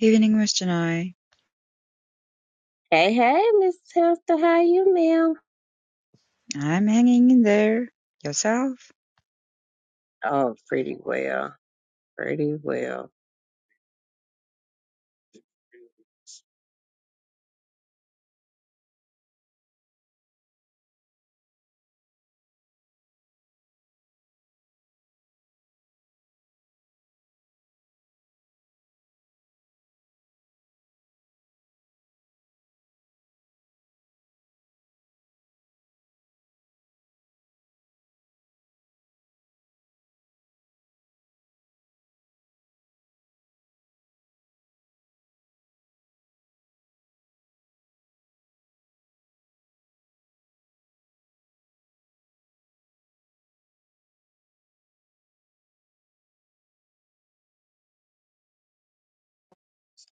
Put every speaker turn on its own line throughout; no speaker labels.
Evening, Mr. Nye.
Hey, hey, Miss Tester, how you, ma'am?
I'm hanging in there. Yourself?
Oh, pretty well, pretty well.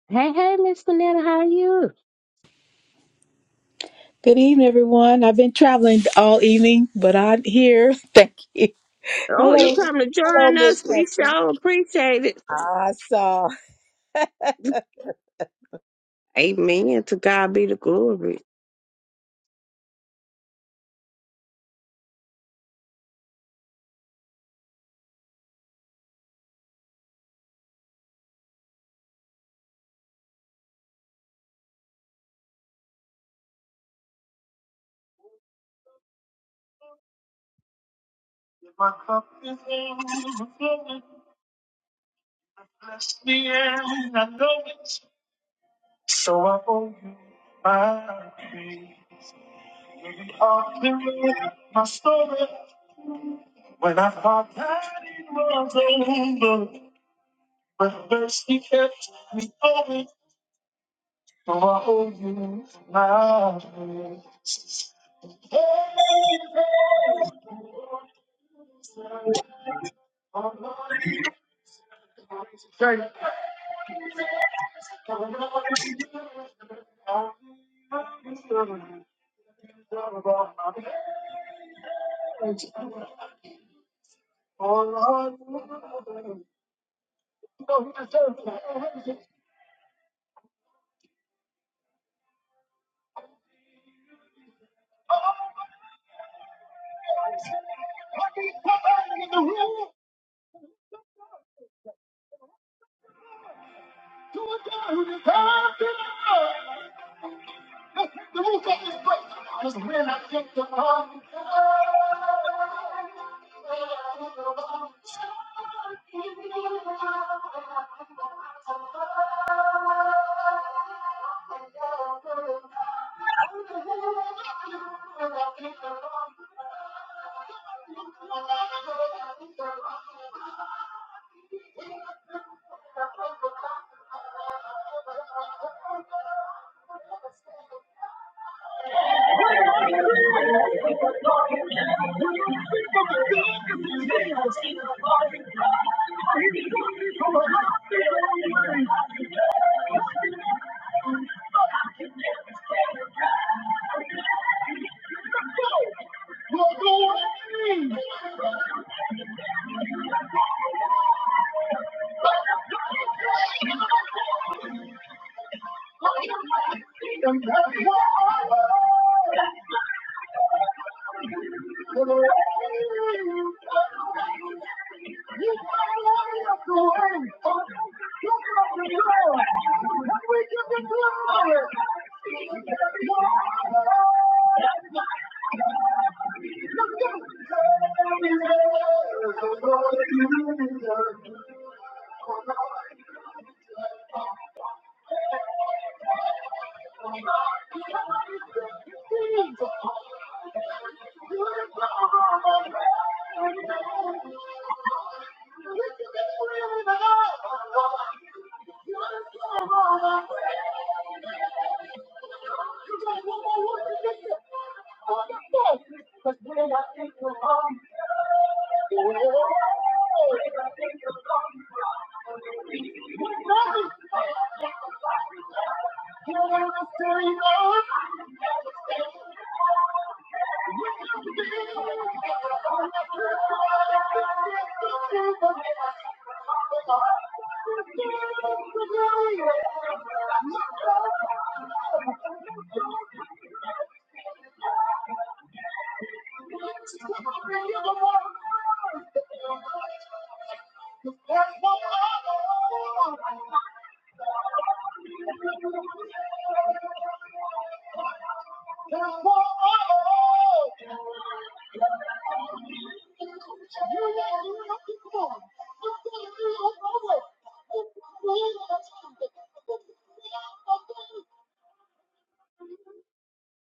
Hey, hey, Miss Vanetta, how you?
Good evening, everyone. I've been traveling all evening, but I'm here. Thank you.
Oh, you
Hello.
come to
Hello,
join
Miss
us? We
Hester.
sure appreciate
I saw.
it. Amen. To God be the glory.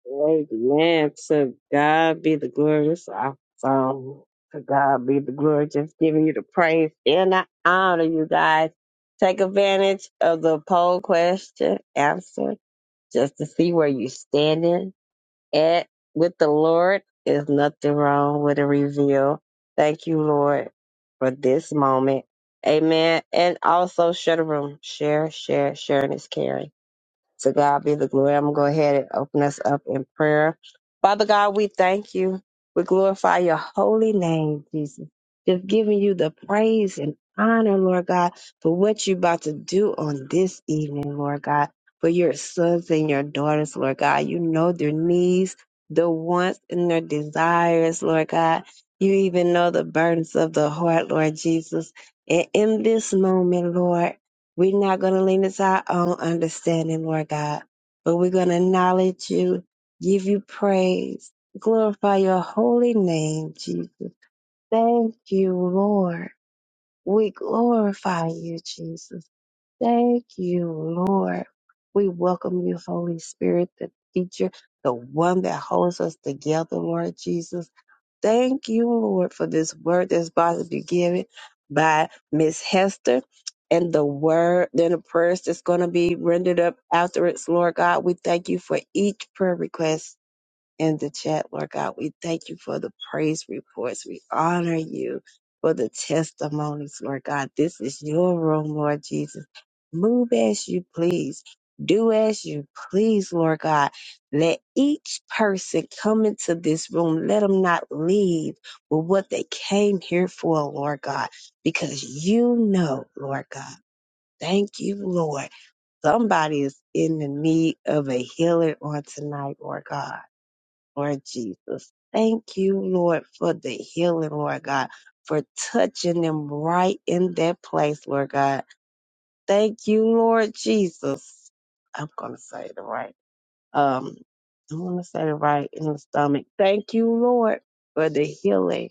Amen. To God be the glory. It's our song. To God be the glory. Just giving you the praise and the honor, you guys. Take advantage of the poll question answer just to see where you standing at with the Lord is nothing wrong with a reveal. Thank you, Lord, for this moment. Amen. And also share the room. Share, share, sharing is caring. To God be the glory. I'm going to go ahead and open us up in prayer. Father God, we thank you. We glorify your holy name, Jesus. Just giving you the praise and honor, Lord God, for what you're about to do on this evening, Lord God, for your sons and your daughters, Lord God. You know their needs, their wants, and their desires, Lord God. You even know the burdens of the heart, Lord Jesus. And in this moment, Lord, we're not going to lean into our own understanding, Lord God, but we're going to acknowledge you, give you praise, glorify your holy name, Jesus. Thank you, Lord. We glorify you, Jesus. Thank you, Lord. We welcome you, Holy Spirit, the teacher, the one that holds us together, Lord Jesus. Thank you, Lord, for this word that's about to be given by Miss Hester and the word, then the prayers that's going to be rendered up afterwards, Lord God. We thank you for each prayer request in the chat, Lord God. We thank you for the praise reports. We honor you for the testimonies, Lord God. This is your room, Lord Jesus. Move as you please. Do as you please, Lord God. Let each person come into this room. Let them not leave with what they came here for, Lord God, because you know, Lord God. Thank you, Lord. Somebody is in the need of a healer on tonight, Lord God. Lord Jesus. Thank you, Lord, for the healing, Lord God, for touching them right in that place, Lord God. Thank you, Lord Jesus. I'm going to say it right. Um, I'm going to say it right in the stomach. Thank you, Lord, for the healing.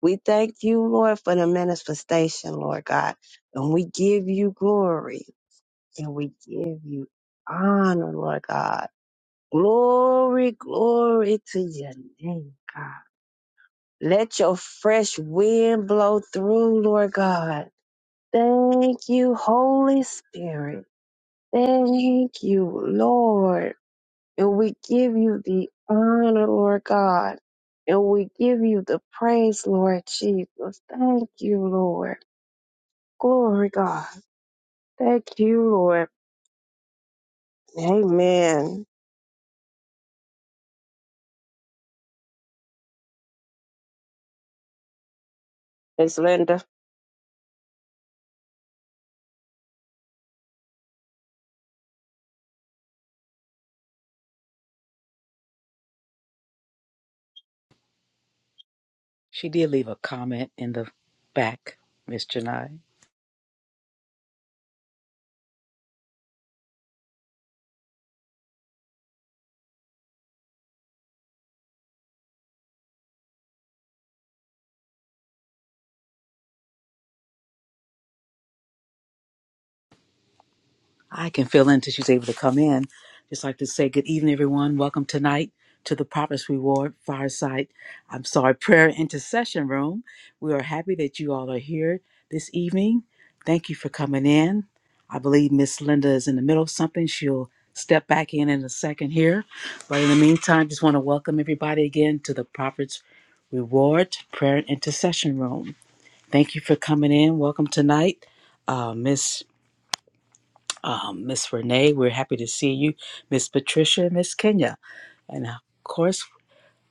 We thank you, Lord, for the manifestation, Lord God. And we give you glory and we give you honor, Lord God. Glory, glory to your name, God. Let your fresh wind blow through, Lord God. Thank you, Holy Spirit. Thank you, Lord. And we give you the honor, Lord God. And we give you the praise, Lord Jesus. Thank you, Lord. Glory, God. Thank you, Lord. Amen. It's Linda.
She did leave a comment in the back, Miss Janai. I can fill in until she's able to come in. Just like to say good evening, everyone. Welcome tonight to the Prophet's Reward Fireside. I'm sorry, prayer intercession room. We are happy that you all are here this evening. Thank you for coming in. I believe Miss Linda is in the middle of something. She'll step back in in a second here. But in the meantime, just want to welcome everybody again to the Prophet's Reward Prayer and Intercession Room. Thank you for coming in. Welcome tonight, uh, Miss um, Miss Renee. We're happy to see you, Miss Patricia, Miss Kenya, and of course,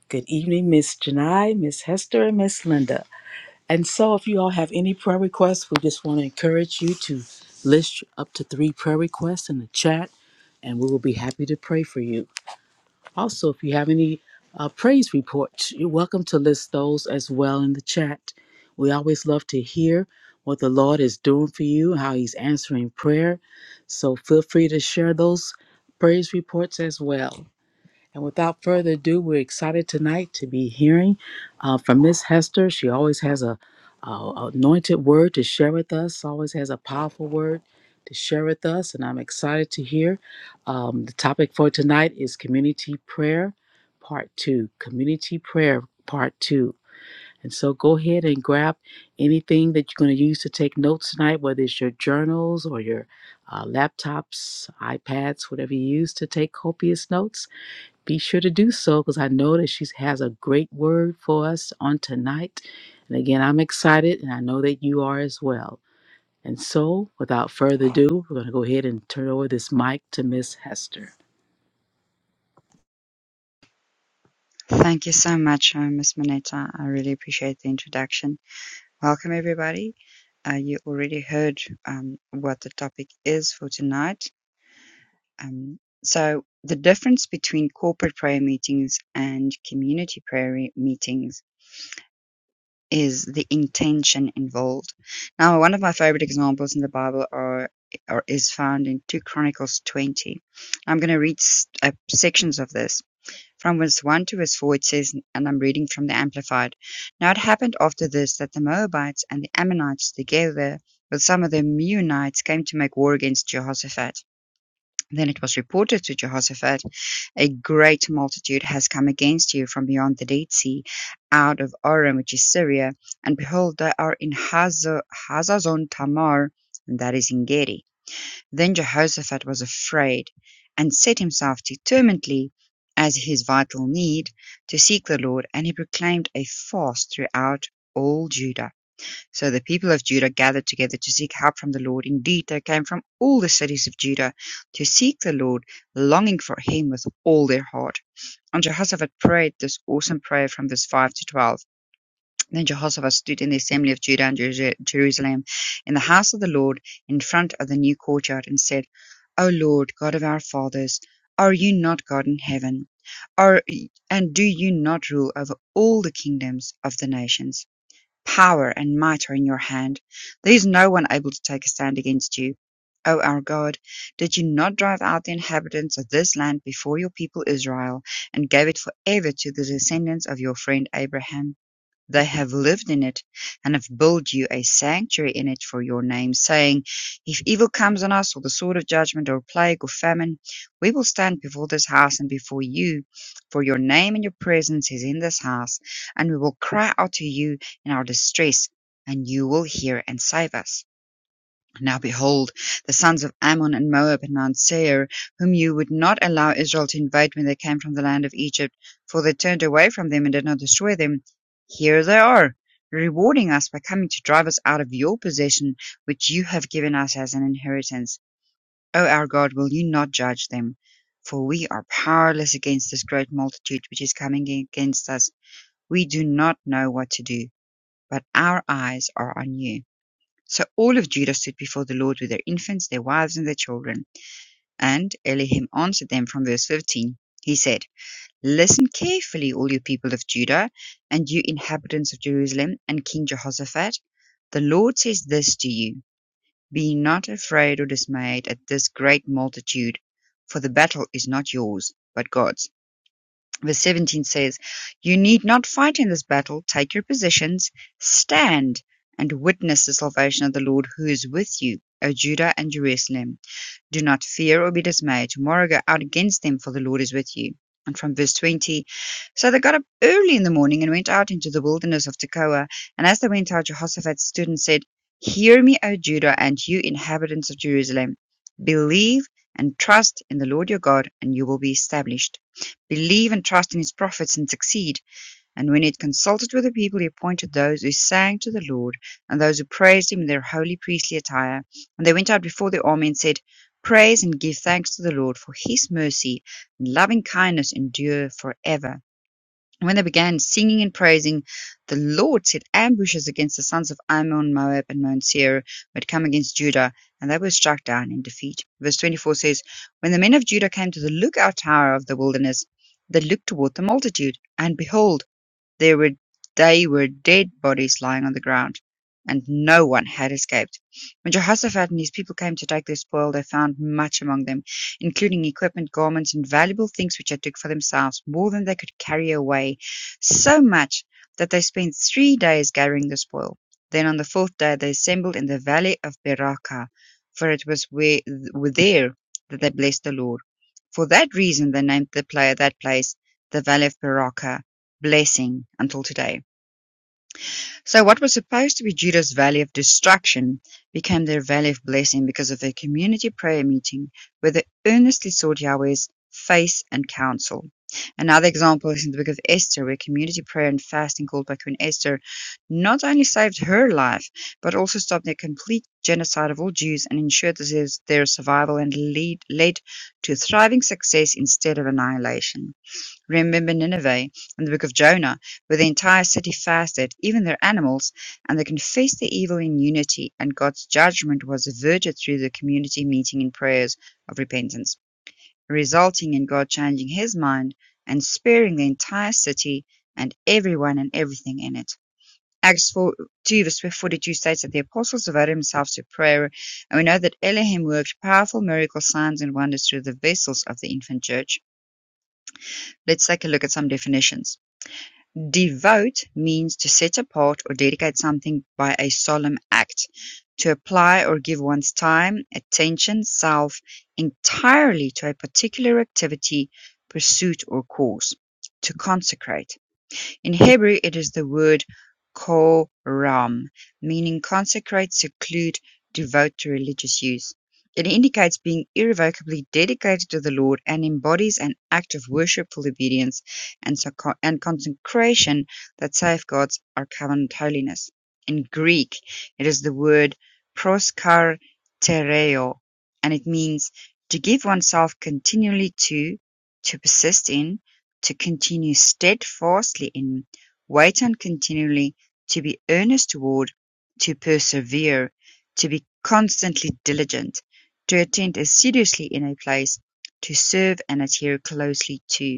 good evening, Miss Janai, Miss Hester, and Miss Linda. And so, if you all have any prayer requests, we just want to encourage you to list up to three prayer requests in the chat, and we will be happy to pray for you. Also, if you have any uh, praise reports, you're welcome to list those as well in the chat. We always love to hear what the Lord is doing for you, how He's answering prayer. So feel free to share those praise reports as well. And without further ado, we're excited tonight to be hearing uh, from Miss Hester. She always has a, a anointed word to share with us. Always has a powerful word to share with us, and I'm excited to hear. Um, the topic for tonight is community prayer, part two. Community prayer, part two. And so go ahead and grab anything that you're going to use to take notes tonight, whether it's your journals or your uh, laptops, iPads, whatever you use to take copious notes be sure to do so because I know that she has a great word for us on tonight. And again, I'm excited and I know that you are as well. And so, without further ado, we're going to go ahead and turn over this mic to Miss Hester.
Thank you so much, uh, Miss Moneta. I really appreciate the introduction. Welcome, everybody. Uh, you already heard um, what the topic is for tonight. Um, so, the difference between corporate prayer meetings and community prayer re- meetings is the intention involved. Now, one of my favorite examples in the Bible are, are is found in 2 Chronicles 20. I'm going to read s- uh, sections of this. from verse one to verse four, it says, and I'm reading from the Amplified. Now it happened after this that the Moabites and the Ammonites, together with some of the Meunites, came to make war against Jehoshaphat. Then it was reported to Jehoshaphat, A great multitude has come against you from beyond the Dead Sea, out of Aram, which is Syria, and behold, they are in Hazazon Tamar, and that is in Gedi. Then Jehoshaphat was afraid, and set himself determinedly, as his vital need, to seek the Lord, and he proclaimed a fast throughout all Judah. So the people of Judah gathered together to seek help from the Lord. Indeed, they came from all the cities of Judah to seek the Lord, longing for him with all their heart. And Jehoshaphat prayed this awesome prayer from verse 5 to 12. Then Jehoshaphat stood in the assembly of Judah and Jeru- Jerusalem, in the house of the Lord, in front of the new courtyard, and said, O Lord, God of our fathers, are you not God in heaven? Are, and do you not rule over all the kingdoms of the nations? Power and might are in your hand. There is no one able to take a stand against you. O our God, did you not drive out the inhabitants of this land before your people Israel, and gave it forever to the descendants of your friend Abraham? They have lived in it, and have built you a sanctuary in it for your name, saying, If evil comes on us, or the sword of judgment, or plague, or famine, we will stand before this house and before you, for your name and your presence is in this house, and we will cry out to you in our distress, and you will hear and save us. Now behold, the sons of Ammon and Moab and Mount Seir, whom you would not allow Israel to invade when they came from the land of Egypt, for they turned away from them and did not destroy them, here they are, rewarding us by coming to drive us out of your possession, which you have given us as an inheritance. O our God, will you not judge them? For we are powerless against this great multitude which is coming against us. We do not know what to do, but our eyes are on you. So all of Judah stood before the LORD with their infants, their wives, and their children. And Elohim answered them from verse 15. He said, Listen carefully, all you people of Judah, and you inhabitants of Jerusalem, and King Jehoshaphat. The Lord says this to you Be not afraid or dismayed at this great multitude, for the battle is not yours, but God's. Verse 17 says, You need not fight in this battle. Take your positions, stand, and witness the salvation of the Lord who is with you, O Judah and Jerusalem. Do not fear or be dismayed. Tomorrow go out against them, for the Lord is with you. And from verse 20, so they got up early in the morning and went out into the wilderness of Tekoa. And as they went out, Jehoshaphat stood and said, Hear me, O Judah, and you inhabitants of Jerusalem. Believe and trust in the Lord your God, and you will be established. Believe and trust in his prophets and succeed. And when he had consulted with the people, he appointed those who sang to the Lord and those who praised him in their holy priestly attire. And they went out before the army and said, Praise and give thanks to the Lord, for his mercy and loving kindness endure forever. And when they began singing and praising, the Lord set ambushes against the sons of Ammon, Moab, and Mount Seir, who had come against Judah, and they were struck down in defeat. Verse 24 says, When the men of Judah came to the lookout tower of the wilderness, they looked toward the multitude, and behold, there were, They were dead bodies lying on the ground, and no one had escaped. When Jehoshaphat and his people came to take their spoil, they found much among them, including equipment, garments, and valuable things which they took for themselves, more than they could carry away, so much that they spent three days gathering the spoil. Then on the fourth day they assembled in the valley of Beraka, for it was where, there that they blessed the Lord. For that reason they named the player that place the Valley of Beraka blessing until today. So what was supposed to be Judah's valley of destruction became their valley of blessing because of their community prayer meeting where they earnestly sought Yahweh's face and counsel. Another example is in the book of Esther where community prayer and fasting called by Queen Esther not only saved her life but also stopped the complete genocide of all Jews and ensured their survival and lead, led to thriving success instead of annihilation. Remember Nineveh and the book of Jonah, where the entire city fasted, even their animals, and they confessed their evil in unity, and God's judgment was averted through the community meeting in prayers of repentance, resulting in God changing his mind and sparing the entire city and everyone and everything in it. Acts 4, 2 verse 42 states that the apostles devoted themselves to prayer, and we know that Elohim worked powerful miracle signs and wonders through the vessels of the infant church. Let's take a look at some definitions. "Devote" means to set apart or dedicate something by a solemn act, to apply or give one's time, attention, self entirely to a particular activity, pursuit or cause; to consecrate. In Hebrew it is the word "koram", meaning consecrate, seclude, devote to religious use. It indicates being irrevocably dedicated to the Lord and embodies an act of worshipful obedience and, and consecration that safeguards our covenant holiness. In Greek, it is the word proskartereo, and it means to give oneself continually to, to persist in, to continue steadfastly in, wait on continually, to be earnest toward, to persevere, to be constantly diligent, to attend assiduously in a place, to serve and adhere closely to.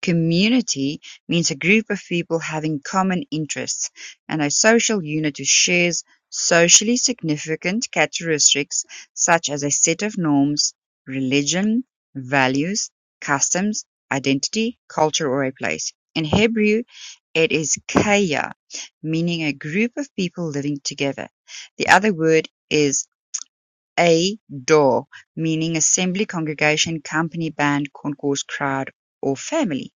Community means a group of people having common interests, and a social unit who shares socially significant characteristics such as a set of norms, religion, values, customs, identity, culture, or a place. In Hebrew, it is kaya, meaning a group of people living together. The other word is a dor, meaning assembly, congregation, company, band, concourse, crowd, or family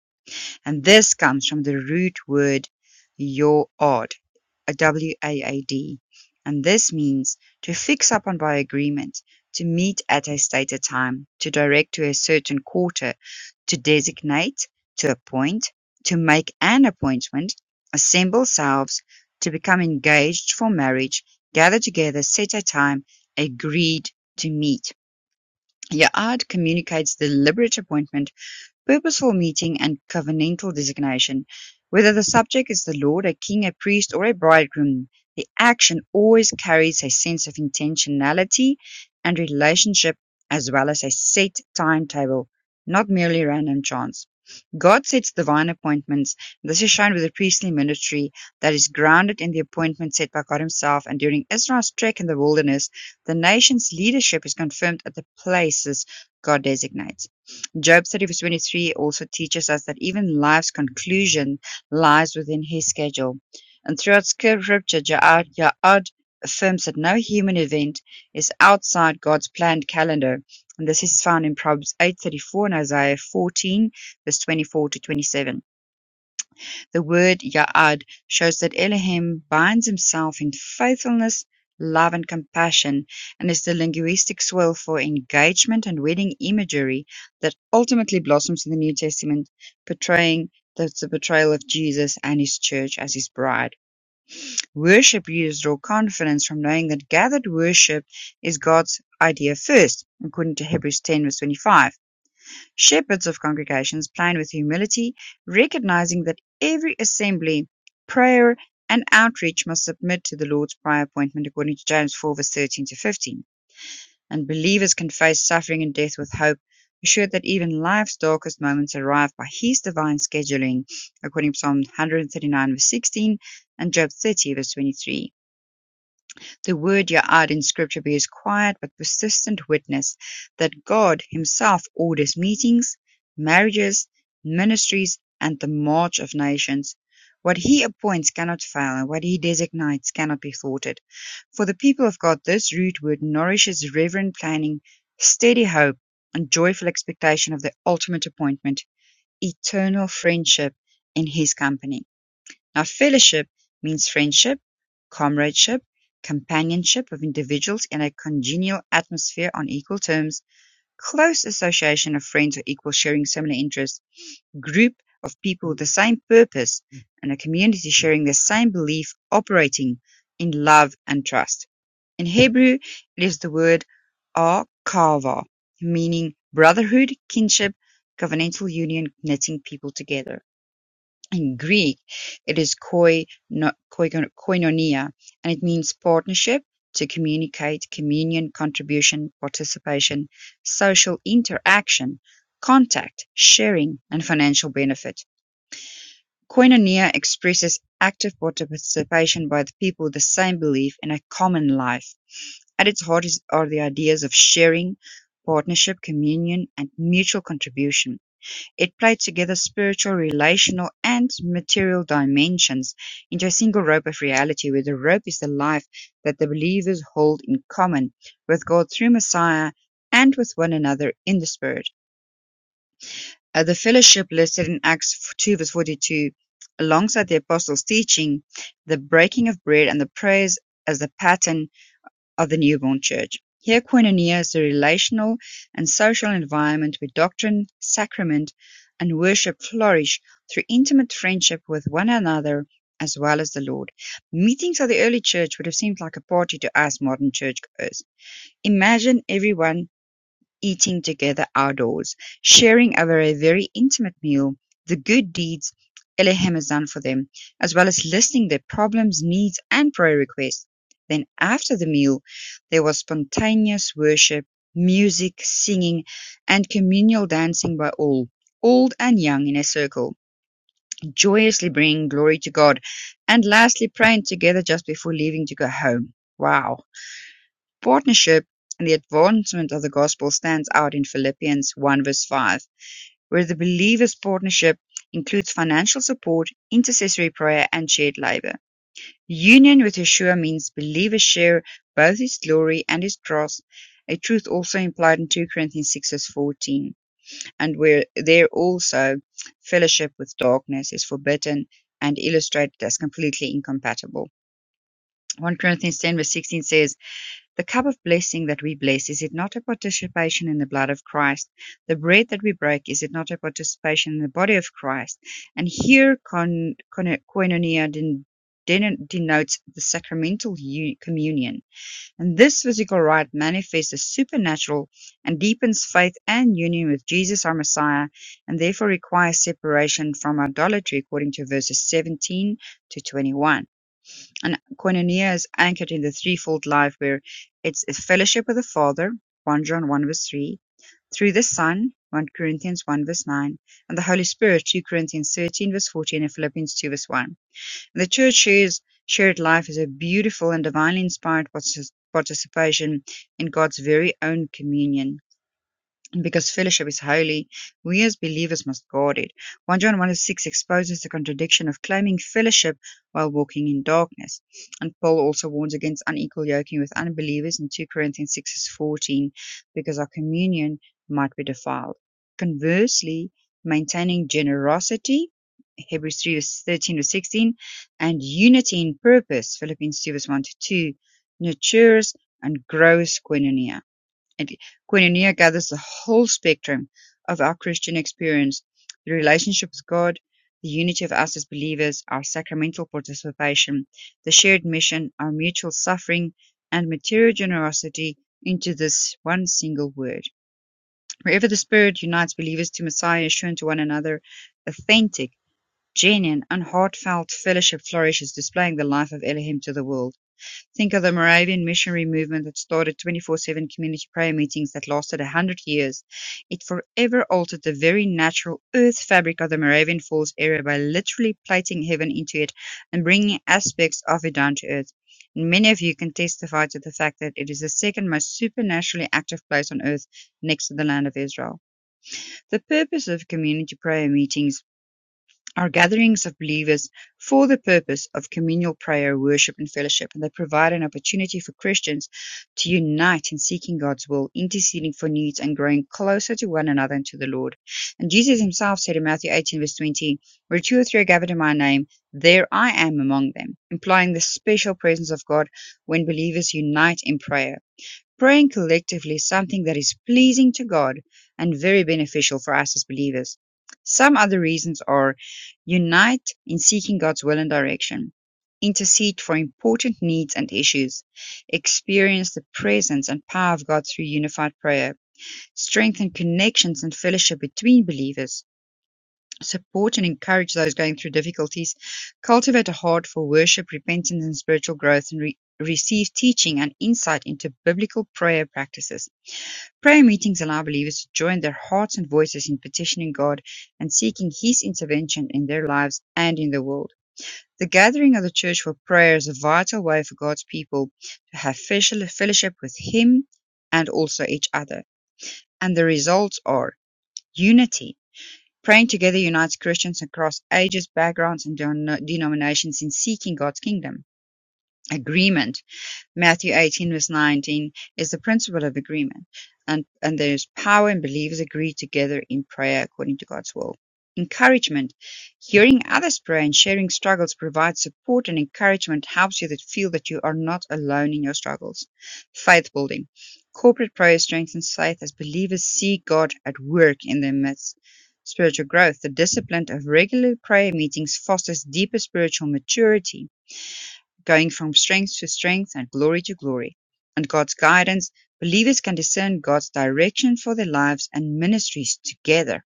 and this comes from the root word yo'od, a W-A-A-D, and this means to fix upon by agreement, to meet at a stated time, to direct to a certain quarter, to designate, to appoint, to make an appointment, assemble selves, to become engaged for marriage, gather together, set a time, agreed to meet. Ya'ad communicates deliberate appointment purposeful meeting and covenantal designation. Whether the subject is the lord, a king, a priest, or a bridegroom, the action always carries a sense of intentionality and relationship as well as a set timetable, not merely random chance. God sets divine appointments. This is shown with the priestly ministry that is grounded in the appointment set by God Himself. And during Israel's trek in the wilderness, the nation's leadership is confirmed at the places God designates. Job 30 verse 23 also teaches us that even life's conclusion lies within his schedule. And throughout scripture, Ja'ad, Ja'ad affirms that no human event is outside God's planned calendar. And this is found in Proverbs 8.34 and Isaiah 14 verse 24 to 27. The word "ya'ad" shows that Elohim binds himself in faithfulness, love and compassion, and is the linguistic soil for engagement and wedding imagery that ultimately blossoms in the New Testament, portraying the, the portrayal of Jesus and his church as his bride. Worship leaders draw confidence from knowing that gathered worship is God's idea first, according to Hebrews 10 verse 25. Shepherds of congregations plan with humility, recognizing that every assembly, prayer, and outreach must submit to the Lord's prior appointment according to James 4 verse 13 to 15. And believers can face suffering and death with hope, assured that even life's darkest moments arrive by His divine scheduling, according to Psalm 139 verse 16 and Job 30 verse 23. The word Ya'ad in Scripture bears quiet but persistent witness that God himself orders meetings, marriages, ministries, and the march of nations. What he appoints cannot fail, and what he designates cannot be thwarted. For the people of God, this root word nourishes reverent planning, steady hope, and joyful expectation of the ultimate appointment, eternal friendship in his company. Now fellowship means friendship, comradeship, companionship of individuals in a congenial atmosphere on equal terms, close association of friends or equals sharing similar interests, group of people with the same purpose, and a community sharing the same belief operating in love and trust. In Hebrew, it is the word akava, meaning brotherhood, kinship, covenantal union, knitting people together. In Greek, it is "koino- koigon- koinonia", and it means partnership, to communicate, communion, contribution, participation, social interaction, contact, sharing, and financial benefit. Koinonia expresses active participation by the people with the same belief in a common life. At its heart is, are the ideas of sharing, partnership, communion, and mutual contribution. It played together spiritual, relational and material dimensions into a single rope of reality where the rope is the life that the believers hold in common with God through Messiah and with one another in the Spirit. Uh, the fellowship listed in Acts 2 verse 42 alongside the apostles' teaching, the breaking of bread and the prayers as the pattern of the newborn Church. Here koinonia is the relational and social environment where doctrine, sacrament, and worship flourish through intimate friendship with one another as well as the Lord. Meetings of the early church would have seemed like a party to us modern churchgoers. Imagine everyone eating together outdoors, sharing over a very intimate meal, the good deeds Elohim has done for them, as well as listing their problems, needs, and prayer requests. Then, after the meal, there was spontaneous worship, music, singing, and communal dancing by all, old and young in a circle, joyously bringing glory to God, and lastly, praying together just before leaving to go home. Wow partnership and the advancement of the gospel stands out in Philippians 1 verse 5, where the believer's partnership includes financial support, intercessory prayer, and shared labor. Union with Yeshua means believers share both his glory and his cross, a truth also implied in 2 Corinthians 6 verse 14, and where there also fellowship with darkness is forbidden and illustrated as completely incompatible. 1 Corinthians 10 verse 16 says, the cup of blessing that we bless, is it not a participation in the blood of Christ? The bread that we break, is it not a participation in the body of Christ? And here, con, con, koinonia den, den, denotes the sacramental u- communion. And this physical rite manifests as supernatural and deepens faith and union with Jesus, our Messiah, and therefore requires separation from idolatry, according to verses 17 to 21. And koinonia is anchored in the threefold life where it's a fellowship with the Father, 1 John 1 verse 3, through the Son, 1 Corinthians 1 verse 9, and the Holy Spirit, 2 Corinthians 13 verse 14 and Philippians 2 verse 1. And the church shares shared life is a beautiful and divinely inspired partici- participation in God's very own communion. And because fellowship is holy, we as believers must guard it. 1 John 1 to 6 exposes the contradiction of claiming fellowship while walking in darkness. And Paul also warns against unequal yoking with unbelievers in 2 Corinthians 6 verse 14, because our communion might be defiled. Conversely, maintaining generosity, Hebrews 3 verse 13 to 16, and unity in purpose, Philippians 2 verse 1 to 2, nurtures and grows koinonia and Koinonia gathers the whole spectrum of our Christian experience: the relationship with God, the unity of us as believers, our sacramental participation, the shared mission, our mutual suffering, and material generosity into this one single word. Wherever the Spirit unites believers to Messiah is shown to one another, authentic, genuine, and heartfelt fellowship flourishes, displaying the life of Elohim to the world. Think of the Moravian missionary movement that started 24 7 community prayer meetings that lasted a hundred years. It forever altered the very natural earth fabric of the Moravian Falls area by literally plating heaven into it and bringing aspects of it down to earth. And many of you can testify to the fact that it is the second most supernaturally active place on earth next to the land of Israel. The purpose of community prayer meetings are gatherings of believers for the purpose of communal prayer, worship, and fellowship, and they provide an opportunity for Christians to unite in seeking God's will, interceding for needs, and growing closer to one another and to the Lord. And Jesus himself said in Matthew 18, verse 20, Where two or three are gathered in my name, there I am among them, implying the special presence of God when believers unite in prayer. Praying collectively is something that is pleasing to God and very beneficial for us as believers. Some other reasons are unite in seeking God's will and direction, intercede for important needs and issues, experience the presence and power of God through unified prayer, strengthen connections and fellowship between believers, support and encourage those going through difficulties, cultivate a heart for worship, repentance, and spiritual growth, and re- receive teaching and insight into biblical prayer practices Prayer meetings allow believers to join their hearts and voices in petitioning God and seeking His intervention in their lives and in the world. The gathering of the church for prayer is a vital way for God's people to have fellowship fellowship with Him and also each other. And the results are unity. Praying together unites Christians across ages, backgrounds, and denom- denominations in seeking God's kingdom. Agreement. Matthew 18 verse 19 is the principle of agreement. And, and there's power in believers agree together in prayer according to God's will. Encouragement. Hearing others pray and sharing struggles provides support and encouragement helps you to feel that you are not alone in your struggles. Faith building. Corporate prayer strengthens faith as believers see God at work in their midst spiritual growth. The discipline of regular prayer meetings fosters deeper spiritual maturity going from strength to strength and glory to glory. Under God's guidance, believers can discern God's direction for their lives and ministries together.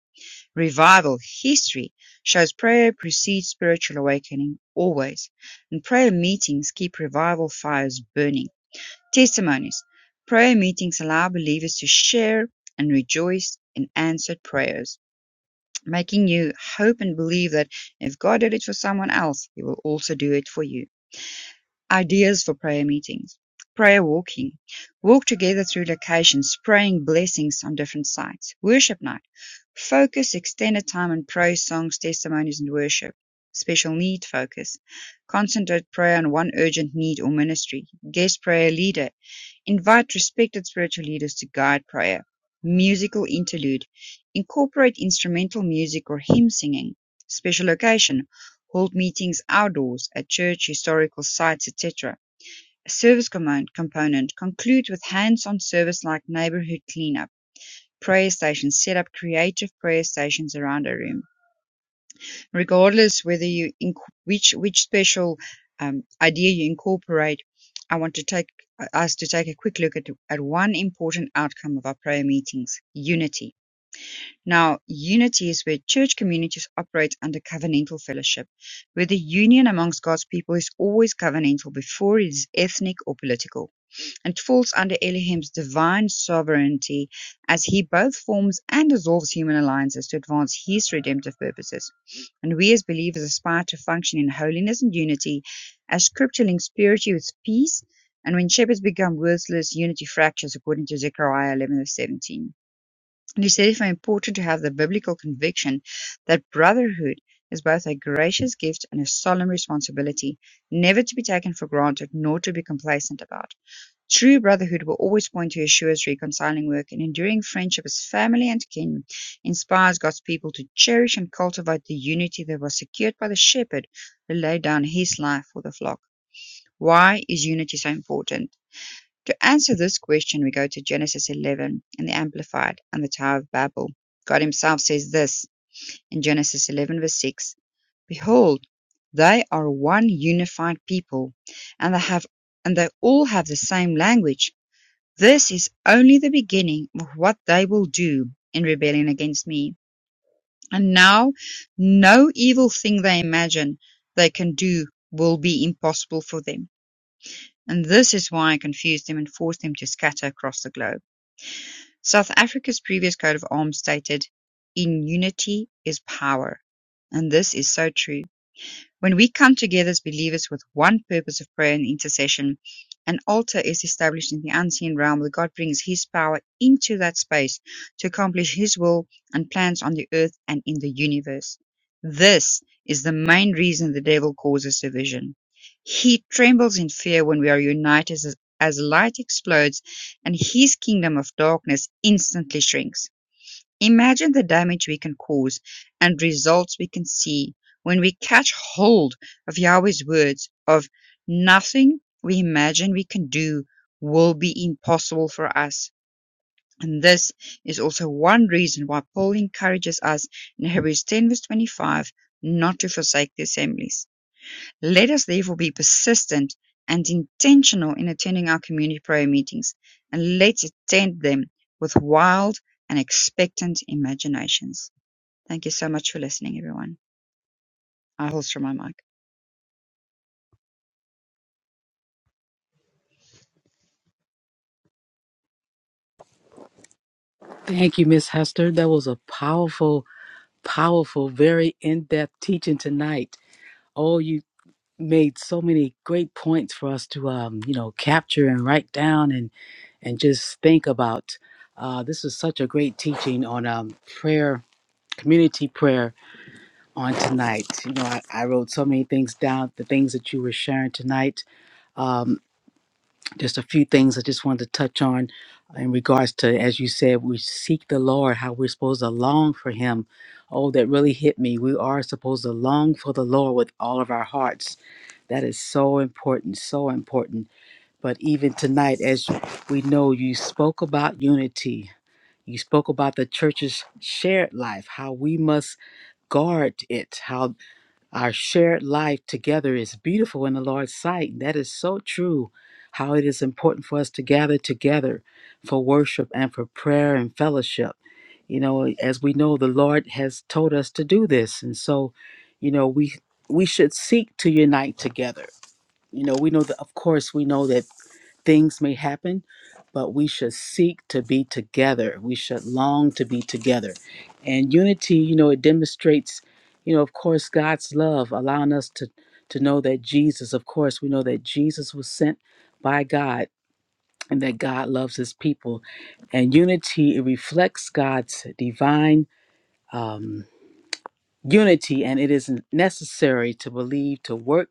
Revival history shows prayer precedes spiritual awakening always, and prayer meetings keep revival fires burning. Testimonies Prayer meetings allow believers to share and rejoice in answered prayers, making you hope and believe that if God did it for someone else, He will also do it for you. Ideas for prayer meetings: prayer walking, walk together through locations, praying blessings on different sites. Worship night, focus extended time on praise songs, testimonies, and worship. Special need focus, concentrate prayer on one urgent need or ministry. Guest prayer leader, invite respected spiritual leaders to guide prayer. Musical interlude, incorporate instrumental music or hymn singing. Special location, hold meetings outdoors, at church, historical sites, etc. A service command component concludes with hands-on service-like neighborhood cleanup, prayer stations set up creative prayer stations around a room. Regardless whether you inc- which which special um, idea you incorporate, I want to take us to take a quick look at, at one important outcome of our prayer meetings: unity. Now, unity is where church communities operate under covenantal fellowship, where the union amongst God's people is always covenantal before it is ethnic or political and falls under Elohim's divine sovereignty as he both forms and dissolves human alliances to advance his redemptive purposes. And we as believers aspire to function in holiness and unity as scripture links purity with peace. And when shepherds become worthless, unity fractures, according to Zechariah eleven seventeen. verse 17. And he said it's therefore important to have the biblical conviction that brotherhood is both a gracious gift and a solemn responsibility, never to be taken for granted nor to be complacent about. True brotherhood will always point to Yeshua's reconciling work and enduring friendship as family and kin inspires God's people to cherish and cultivate the unity that was secured by the shepherd who laid down his life for the flock. Why is unity so important? To answer this question, we go to Genesis 11 in the Amplified and the Tower of Babel. God Himself says this in Genesis 11, verse 6 Behold, they are one unified people, and they have and they all have the same language this is only the beginning of what they will do in rebellion against me. And now, no evil thing they imagine they can do will be impossible for them. And this is why I confused them and forced them to scatter across the globe. South Africa's previous coat of arms stated, In unity is power. And this is so true. When we come together as believers with one purpose of prayer and intercession, an altar is established in the unseen realm where God brings His power into that space to accomplish His will and plans on the earth and in the universe. This is the main reason the devil causes division. He trembles in fear when we are united as, as light explodes and his kingdom of darkness instantly shrinks. Imagine the damage we can cause and results we can see when we catch hold of Yahweh's words of nothing we imagine we can do will be impossible for us. And this is also one reason why Paul encourages us in Hebrews 10 verse 25 not to forsake the assemblies. Let us therefore be persistent and intentional in attending our community prayer meetings, and let's attend them with wild and expectant imaginations. Thank you so much for listening, everyone. I holster my mic.
Thank you, Miss Hester. That was a powerful, powerful, very in depth teaching tonight. Oh, you made so many great points for us to, um, you know, capture and write down and, and just think about. Uh, this was such a great teaching on um, prayer community prayer on tonight. You know, I, I wrote so many things down, the things that you were sharing tonight. Um, just a few things I just wanted to touch on in regards to, as you said, we seek the Lord, how we're supposed to long for Him. Oh, that really hit me. We are supposed to long for the Lord with all of our hearts. That is so important, so important. But even tonight, as we know, you spoke about unity. You spoke about the church's shared life, how we must guard it, how Our shared life together is beautiful in the Lord's sight. That is so true. How it is important for us to gather together for worship and for prayer and fellowship. You know, as we know, the Lord has told us to do this, and so, you know, we we should seek to unite together. You know, we know that, of course, we know that things may happen, but we should seek to be together. We should long to be together. And unity, you know, it demonstrates, you know, of course, God's love, allowing us to to know that Jesus, of course, we know that Jesus was sent by God and that God loves his people. And unity, it reflects God's divine um unity and it is necessary to believe to work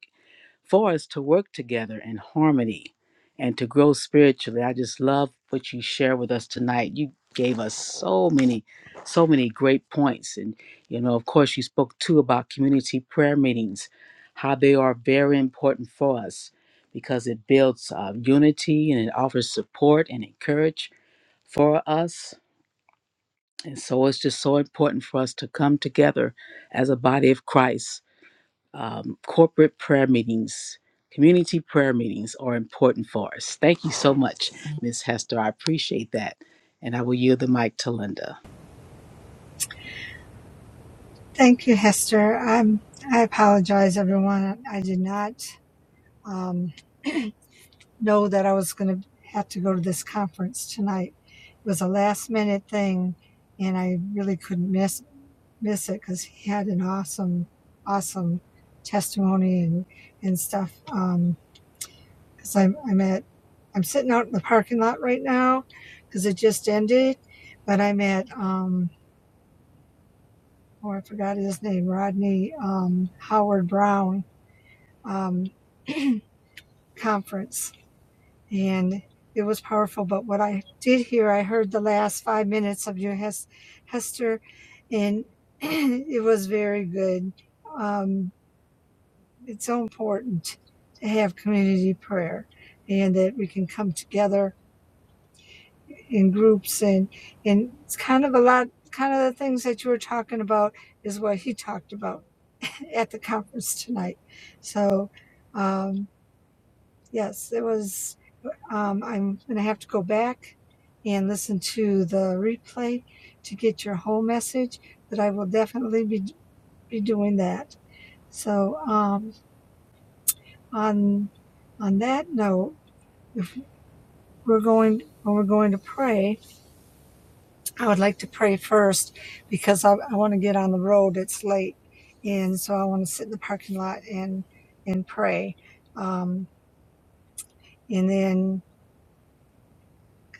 for us to work together in harmony and to grow spiritually. I just love what you share with us tonight. You gave us so many, so many great points. And, you know, of course, you spoke too about community prayer meetings, how they are very important for us because it builds uh, unity and it offers support and encourage for us. And so it's just so important for us to come together as a body of Christ um, corporate prayer meetings, community prayer meetings are important for us. Thank you so much, Miss Hester. I appreciate that. And I will yield the mic to Linda.
Thank you, Hester. I'm, I apologize, everyone. I did not um, know that I was going to have to go to this conference tonight. It was a last minute thing, and I really couldn't miss miss it because he had an awesome, awesome testimony and and stuff. Because I'm I'm at I'm sitting out in the parking lot right now because it just ended, but I'm at um, oh I forgot his name Rodney um, Howard Brown um, conference, and it was powerful. But what I did hear, I heard the last five minutes of your Hester, and it was very good. Um, it's so important to have community prayer, and that we can come together in groups, and and it's kind of a lot. Kind of the things that you were talking about is what he talked about at the conference tonight. So, um, yes, it was Um, I'm going to have to go back and listen to the replay to get your whole message, but I will definitely be, be doing that. So um, on on that note, if we're going when we're going to pray, I would like to pray first because I, I want to get on the road. It's late, and so I want to sit in the parking lot and and pray. Um, and then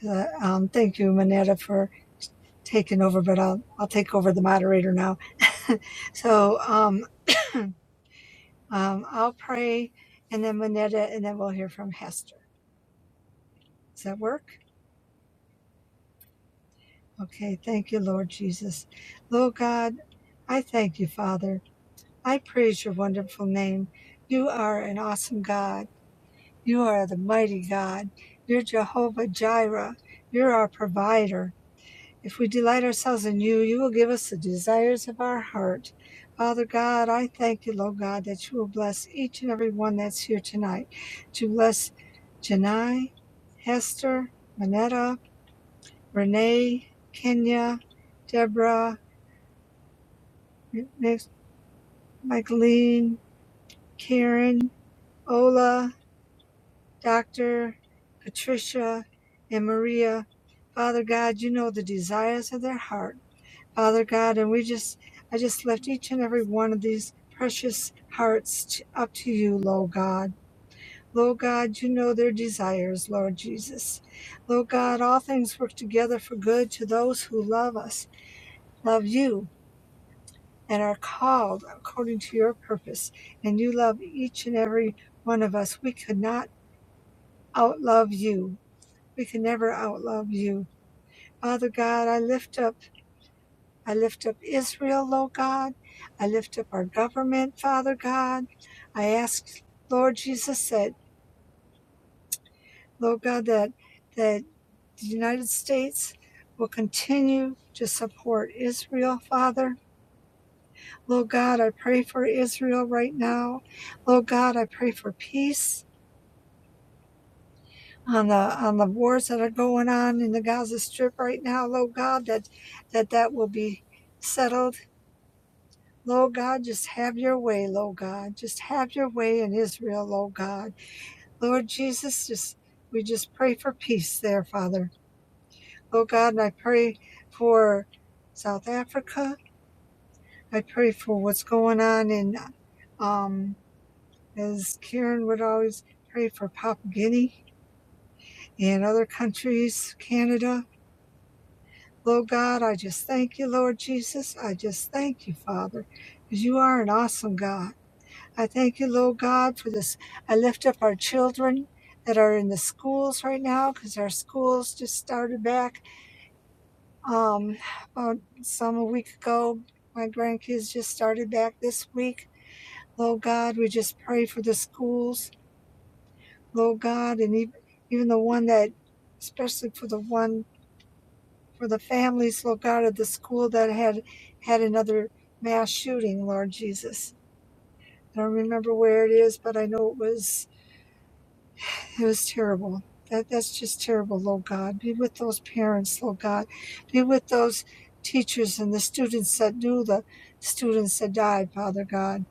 uh, um, thank you, Manetta, for taken over, but I'll, I'll take over the moderator now. So um, um, I'll pray and then Manetta, and then we'll hear from Hester. Does that work? Okay. Thank you, Lord Jesus. Lord God, I thank you, Father. I praise your wonderful name. You are an awesome God. You are the mighty God. You're Jehovah Jireh. You're our provider. If we delight ourselves in you, you will give us the desires of our heart. Father God, I thank you, Lord God, that you will bless each and every one that's here tonight. To bless Janai, Hester, Manetta, Renee, Kenya, Deborah, Mi- Micheline, Karen, Ola, Dr. Patricia, and Maria. Father God, you know the desires of their heart. Father God, and we just, I just lift each and every one of these precious hearts t up to you, Lord God. Lord God, you know their desires, Lord Jesus. Lord God, all things work together for good to those who love us, love you, and are called according to your purpose. And you love each and every one of us. We could not outlove you. We can never outlove you. Father God, I lift up. I lift up Israel, Lord God. I lift up our government, Father God. I ask, Lord Jesus, that, Lord God, that, that the United States will continue to support Israel, Father. Lord God, I pray for Israel right now. Lord God, I pray for peace on the on the wars that are going on in the Gaza Strip right now, Lord God, that that, that will be settled Lord God, just have your way, Lord God. Just have your way in Israel, Lord God. Lord Jesus, just we just pray for peace there, Father. Lord God, and I pray for South Africa. I pray for what's going on in um as Karen would always pray for Papua Guinea and other countries, Canada. Lord God, I just thank you, Lord Jesus. I just thank you, Father, because you are an awesome God. I thank you, Lord God, for this. I lift up our children that are in the schools right now because our schools just started back um, about some a week ago. My grandkids just started back this week. Lord God, we just pray for the schools, Lord God, and even, even the one that, especially for the one for the families, Lord God, of the school that had had another mass shooting, Lord Jesus. I don't remember where it is, but I know it was It was terrible. That that's just terrible, Lord God. Be with those parents, Lord God. Be with those teachers and the students that knew the students that died, Father God.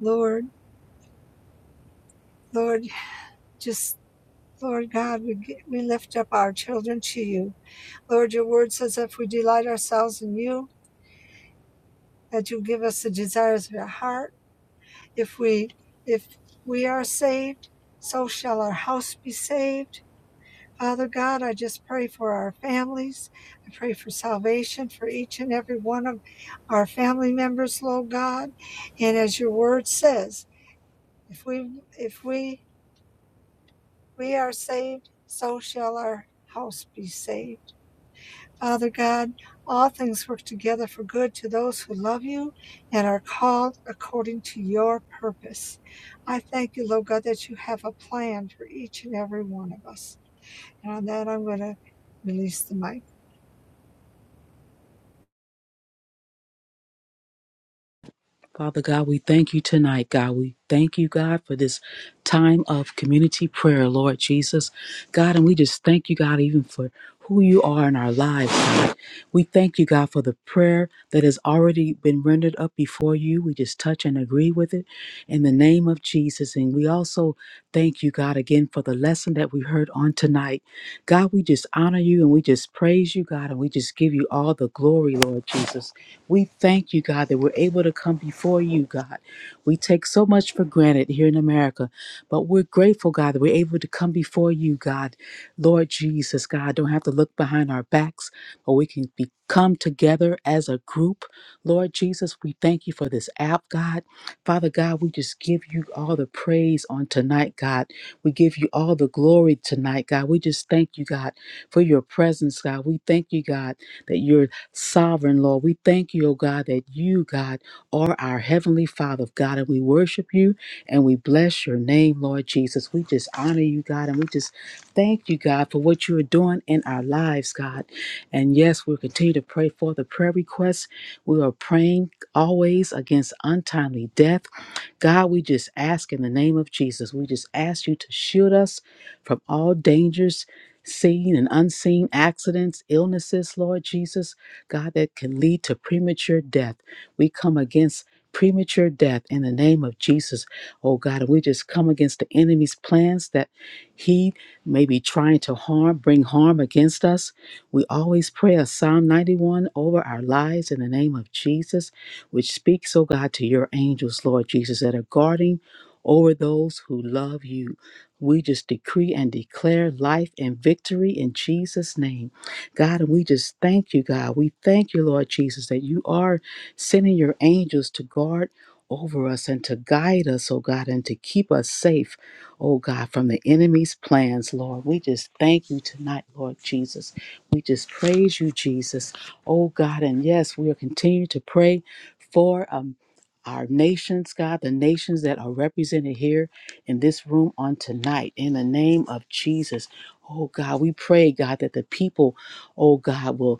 Lord, Lord, just Lord God, we get, we lift up our children to you. Lord, your word says if we delight ourselves in you, that you give us the desires of our heart. If we if we are saved, so shall our house be saved. Father God, I just pray for our families. I pray for salvation for each and every one of our family members, Lord God. And as your word says, if we if we we are saved, so shall our house be saved. Father God, all things work together for good to those who love you and are called according to your purpose. I thank you, Lord God, that you have a plan for each and every one of us. And on that I'm gonna release the mic.
Father God, we thank you tonight, God. We thank you, God, for this time of community prayer, Lord Jesus. God, and we just thank you, God, even for who you are in our lives, God. We thank you, God, for the prayer that has already been rendered up before you. We just touch and agree with it in the name of Jesus. And we also thank you, God, again for the lesson that we heard on tonight. God, we just honor you and we just praise you, God, and we just give you all the glory, Lord Jesus. We thank you, God, that we're able to come before you, God. We take so much for granted here in America, but we're grateful, God, that we're able to come before you, God. Lord Jesus, God, don't have to look behind our backs, but we can be, come together as a group. Lord Jesus, we thank you for this app, God. Father God, we just give you all the praise on tonight, God. We give you all the glory tonight, God. We just thank you, God, for your presence, God. We thank you, God, that you're Sovereign Lord, we thank you, O God, that you, God, are our Heavenly Father, God, and we worship you and we bless your name, Lord Jesus. We just honor you, God, and we just thank you, God, for what you are doing in our lives, God. And yes, we'll continue to pray for the prayer requests. We are praying always against untimely death. God, we just ask in the name of Jesus, we just ask you to shield us from all dangers, seen and unseen accidents, illnesses, Lord Jesus. God, that can lead to premature death. We come against premature death in the name of Jesus, oh God. And we just come against the enemy's plans that he may be trying to harm, bring harm against us. We always pray a Psalm 91 over our lives in the name of Jesus, which speaks, oh God, to your angels, Lord Jesus, that are guarding over those who love you. We just decree and declare life and victory in Jesus' name. God, and we just thank you, God. We thank you, Lord Jesus, that you are sending your angels to guard over us and to guide us, oh God, and to keep us safe, oh God, from the enemy's plans, Lord. We just thank you tonight, Lord Jesus. We just praise you, Jesus, oh God. And yes, we are continuing to pray for um our nations, God, the nations that are represented here in this room on tonight, in the name of Jesus. Oh God, we pray, God, that the people oh God, will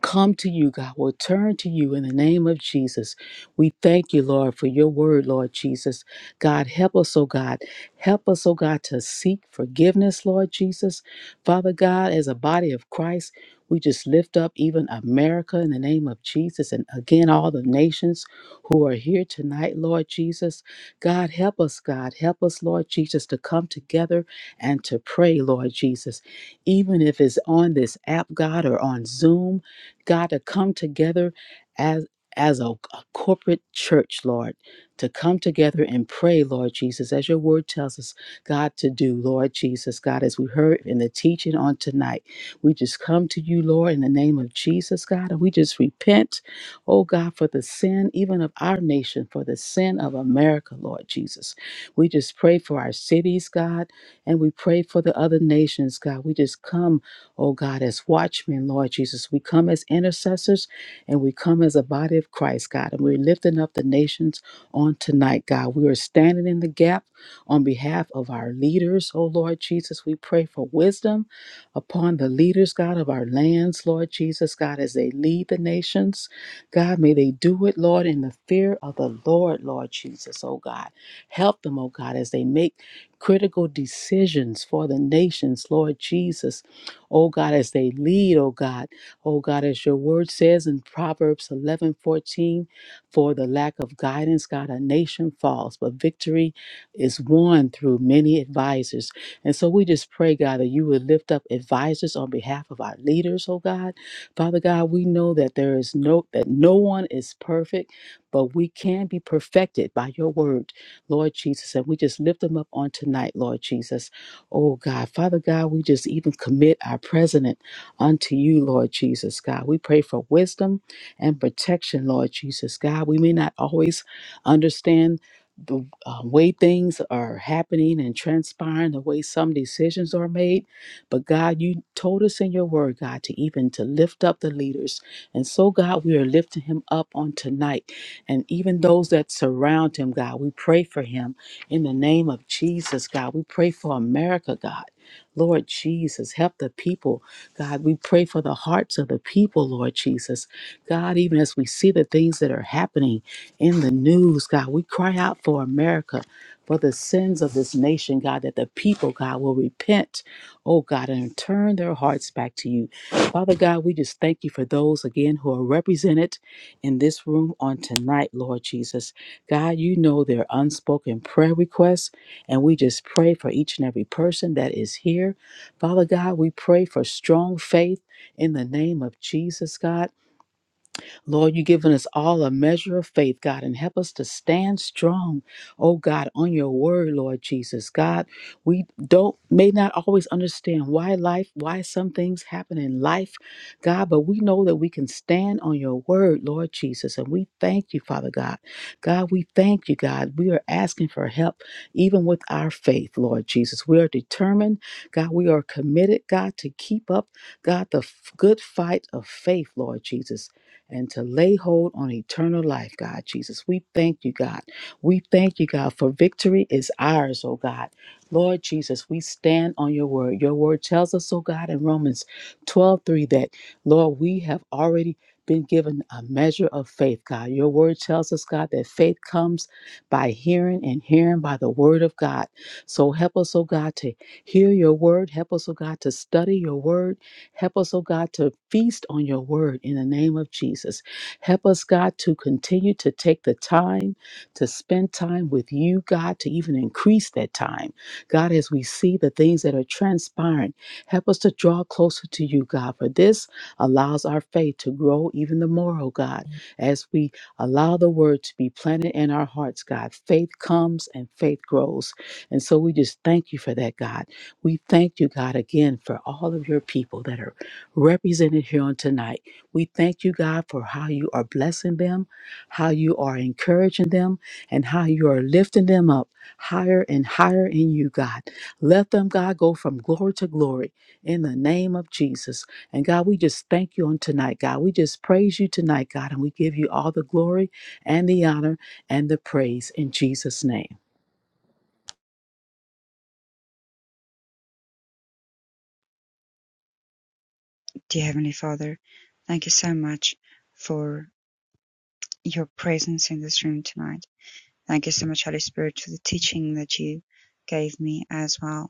come to you, God. We'll turn to you in the name of Jesus. We thank you, Lord, for your word, Lord Jesus. God, help us, oh God. Help us, oh God, to seek forgiveness, Lord Jesus. Father God, as a body of Christ, we just lift up even America in the name of Jesus and again all the nations who are here tonight, Lord Jesus. God, help us, God. Help us, Lord Jesus, to come together and to pray, Lord Jesus. Even if it's on this app, God, or on Zoom, God, to come together as as a, a corporate church, Lord, to come together and pray, Lord Jesus, as your word tells us, God, to do, Lord Jesus, God, as we heard in the teaching on tonight. We just come to you, Lord, in the name of Jesus, God, and we just repent, oh God, for the sin, even of our nation, for the sin of America, Lord Jesus. We just pray for our cities, God, and we pray for the other nations, God. We just come oh God, as watchmen, Lord Jesus. We come as intercessors and we come as a body of Christ, God, and we're lifting up the nations on tonight, God. We are standing in the gap on behalf of our leaders, oh Lord Jesus. We pray for wisdom upon the leaders, God, of our lands, Lord Jesus, God, as they lead the nations. God, may they do it, Lord, in the fear of the Lord, Lord Jesus, oh God. Help them, oh God, as they make critical decisions for the nations, Lord Jesus. Oh God, as they lead, oh God. Oh God, as your word says in Proverbs 11 14, for the lack of guidance, God, a nation falls, but victory is won through many advisors. And so we just pray, God, that you would lift up advisors on behalf of our leaders, oh God. Father God, we know that there is no that no one is perfect, but we can be perfected by your word, Lord Jesus. And we just lift them up on tonight, Lord Jesus. Oh God, Father God, we just even commit our president unto you, Lord Jesus God. We pray for wisdom and protection, Lord Jesus God. We may not always understand the uh, way things are happening and transpiring, the way some decisions are made, but God, you told us in your word, God, to even to lift up the leaders, and so God, we are lifting him up on tonight, and even those that surround him, God, we pray for him. In the name of Jesus, God, we pray for America, God. Lord Jesus, help the people. God, we pray for the hearts of the people, Lord Jesus. God, even as we see the things that are happening in the news, God, we cry out for America, for the sins of this nation, God, that the people, God, will repent, oh God, and turn their hearts back to you. Father God, we just thank you for those, again, who are represented in this room on tonight, Lord Jesus. God, you know their unspoken prayer requests, and we just pray for each and every person that is here. Father God, we pray for strong faith in the name of Jesus, God. Lord, you've given us all a measure of faith, God, and help us to stand strong, oh God, on your word, Lord Jesus. God, we don't may not always understand why life, why some things happen in life, God, but we know that we can stand on your word, Lord Jesus. And we thank you, Father God. God, we thank you, God. We are asking for help, even with our faith, Lord Jesus. We are determined, God, we are committed, God, to keep up, God, the f- good fight of faith, Lord Jesus and to lay hold on eternal life, God Jesus. We thank you, God. We thank you, God, for victory is ours, oh God. Lord Jesus, we stand on your word. Your word tells us, oh God, in Romans 12 3 that, Lord, we have already been given a measure of faith, God. Your word tells us, God, that faith comes by hearing and hearing by the word of God. So help us, oh God, to hear your word. Help us, oh God, to study your word. Help us, oh God, to feast on your word in the name of Jesus. Help us, God, to continue to take the time to spend time with you, God, to even increase that time. God, as we see the things that are transpiring, help us to draw closer to you, God, for this allows our faith to grow even the more, oh God, as we allow the word to be planted in our hearts, God. Faith comes and faith grows. And so we just thank you for that, God. We thank you, God, again for all of your people that are represented here on tonight. We thank you, God, for how you are blessing them, how you are encouraging them, and how you are lifting them up higher and higher in you, God. Let them, God, go from glory to glory in the name of Jesus. And God, we just thank you on tonight, God. We just praise you tonight, God, and we give you all the glory and the honor and the praise in Jesus' name.
Dear Heavenly Father, thank you so much for your presence in this room tonight. Thank you so much, Holy Spirit, for the teaching that you gave me as well.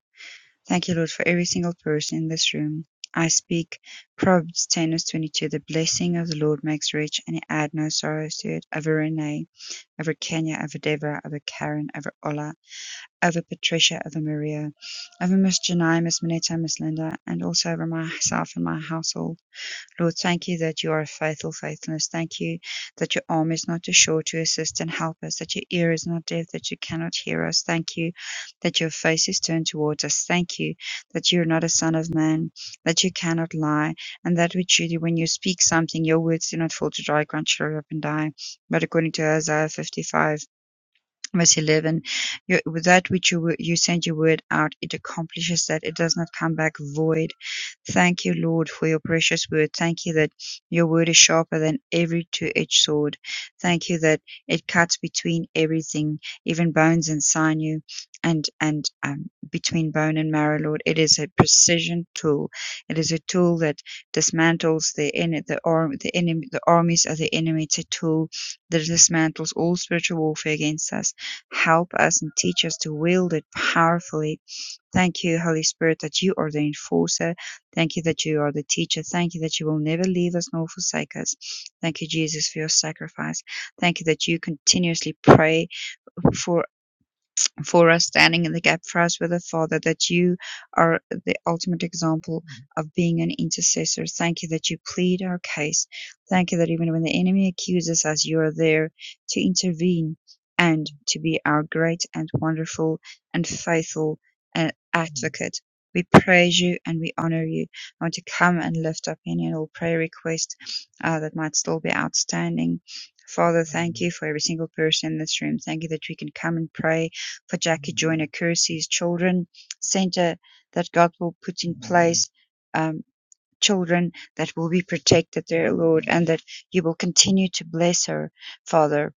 Thank you, Lord, for every single person in this room. I speak Proverbs 10 verse 22. The blessing of the Lord makes rich and it add no sorrows to it. Over Renee, over Kenya, over Deborah, over Karen, over Ola, over Patricia, over Maria, over Miss Janai, Miss Minetta, Miss Linda, and also over myself and my household. Lord, thank you that you are faithful, faithfulness. Thank you that your arm is not too short to assist and help us, that your ear is not deaf, that you cannot hear us. Thank you that your face is turned towards us. Thank you that you are not a son of man, that you cannot lie, and that we truly, when you speak something, your words do not fall to dry ground, shrivel up and die. But according to Isaiah 55, verse 11 you, with that which you wo- you send your word out it accomplishes that it does not come back void thank you lord for your precious word thank you that your word is sharper than every two-edged sword thank you that it cuts between everything even bones and sinew and and um, between bone and marrow lord it is a precision tool it is a tool that dismantles the en- the arm the enemy the armies of the enemy it's a tool that dismantles all spiritual warfare against us Help us and teach us to wield it powerfully. Thank you, Holy Spirit, that you are the enforcer. Thank you that you are the teacher. Thank you that you will never leave us nor forsake us. Thank you, Jesus, for your sacrifice. Thank you that you continuously pray for for us, standing in the gap for us with the Father, that you are the ultimate example of being an intercessor. Thank you that you plead our case. Thank you that even when the enemy accuses us, you are there to intervene and to be our great and wonderful and faithful uh, advocate. We praise you and we honor you. I want to come and lift up any and all prayer requests uh, that might still be outstanding. Father, thank you for every single person in this room. Thank you that we can come and pray for Jackie Joyner Kersey's Children Center that God will put in place um, children that will be protected, dear Lord, and that you will continue to bless her, Father,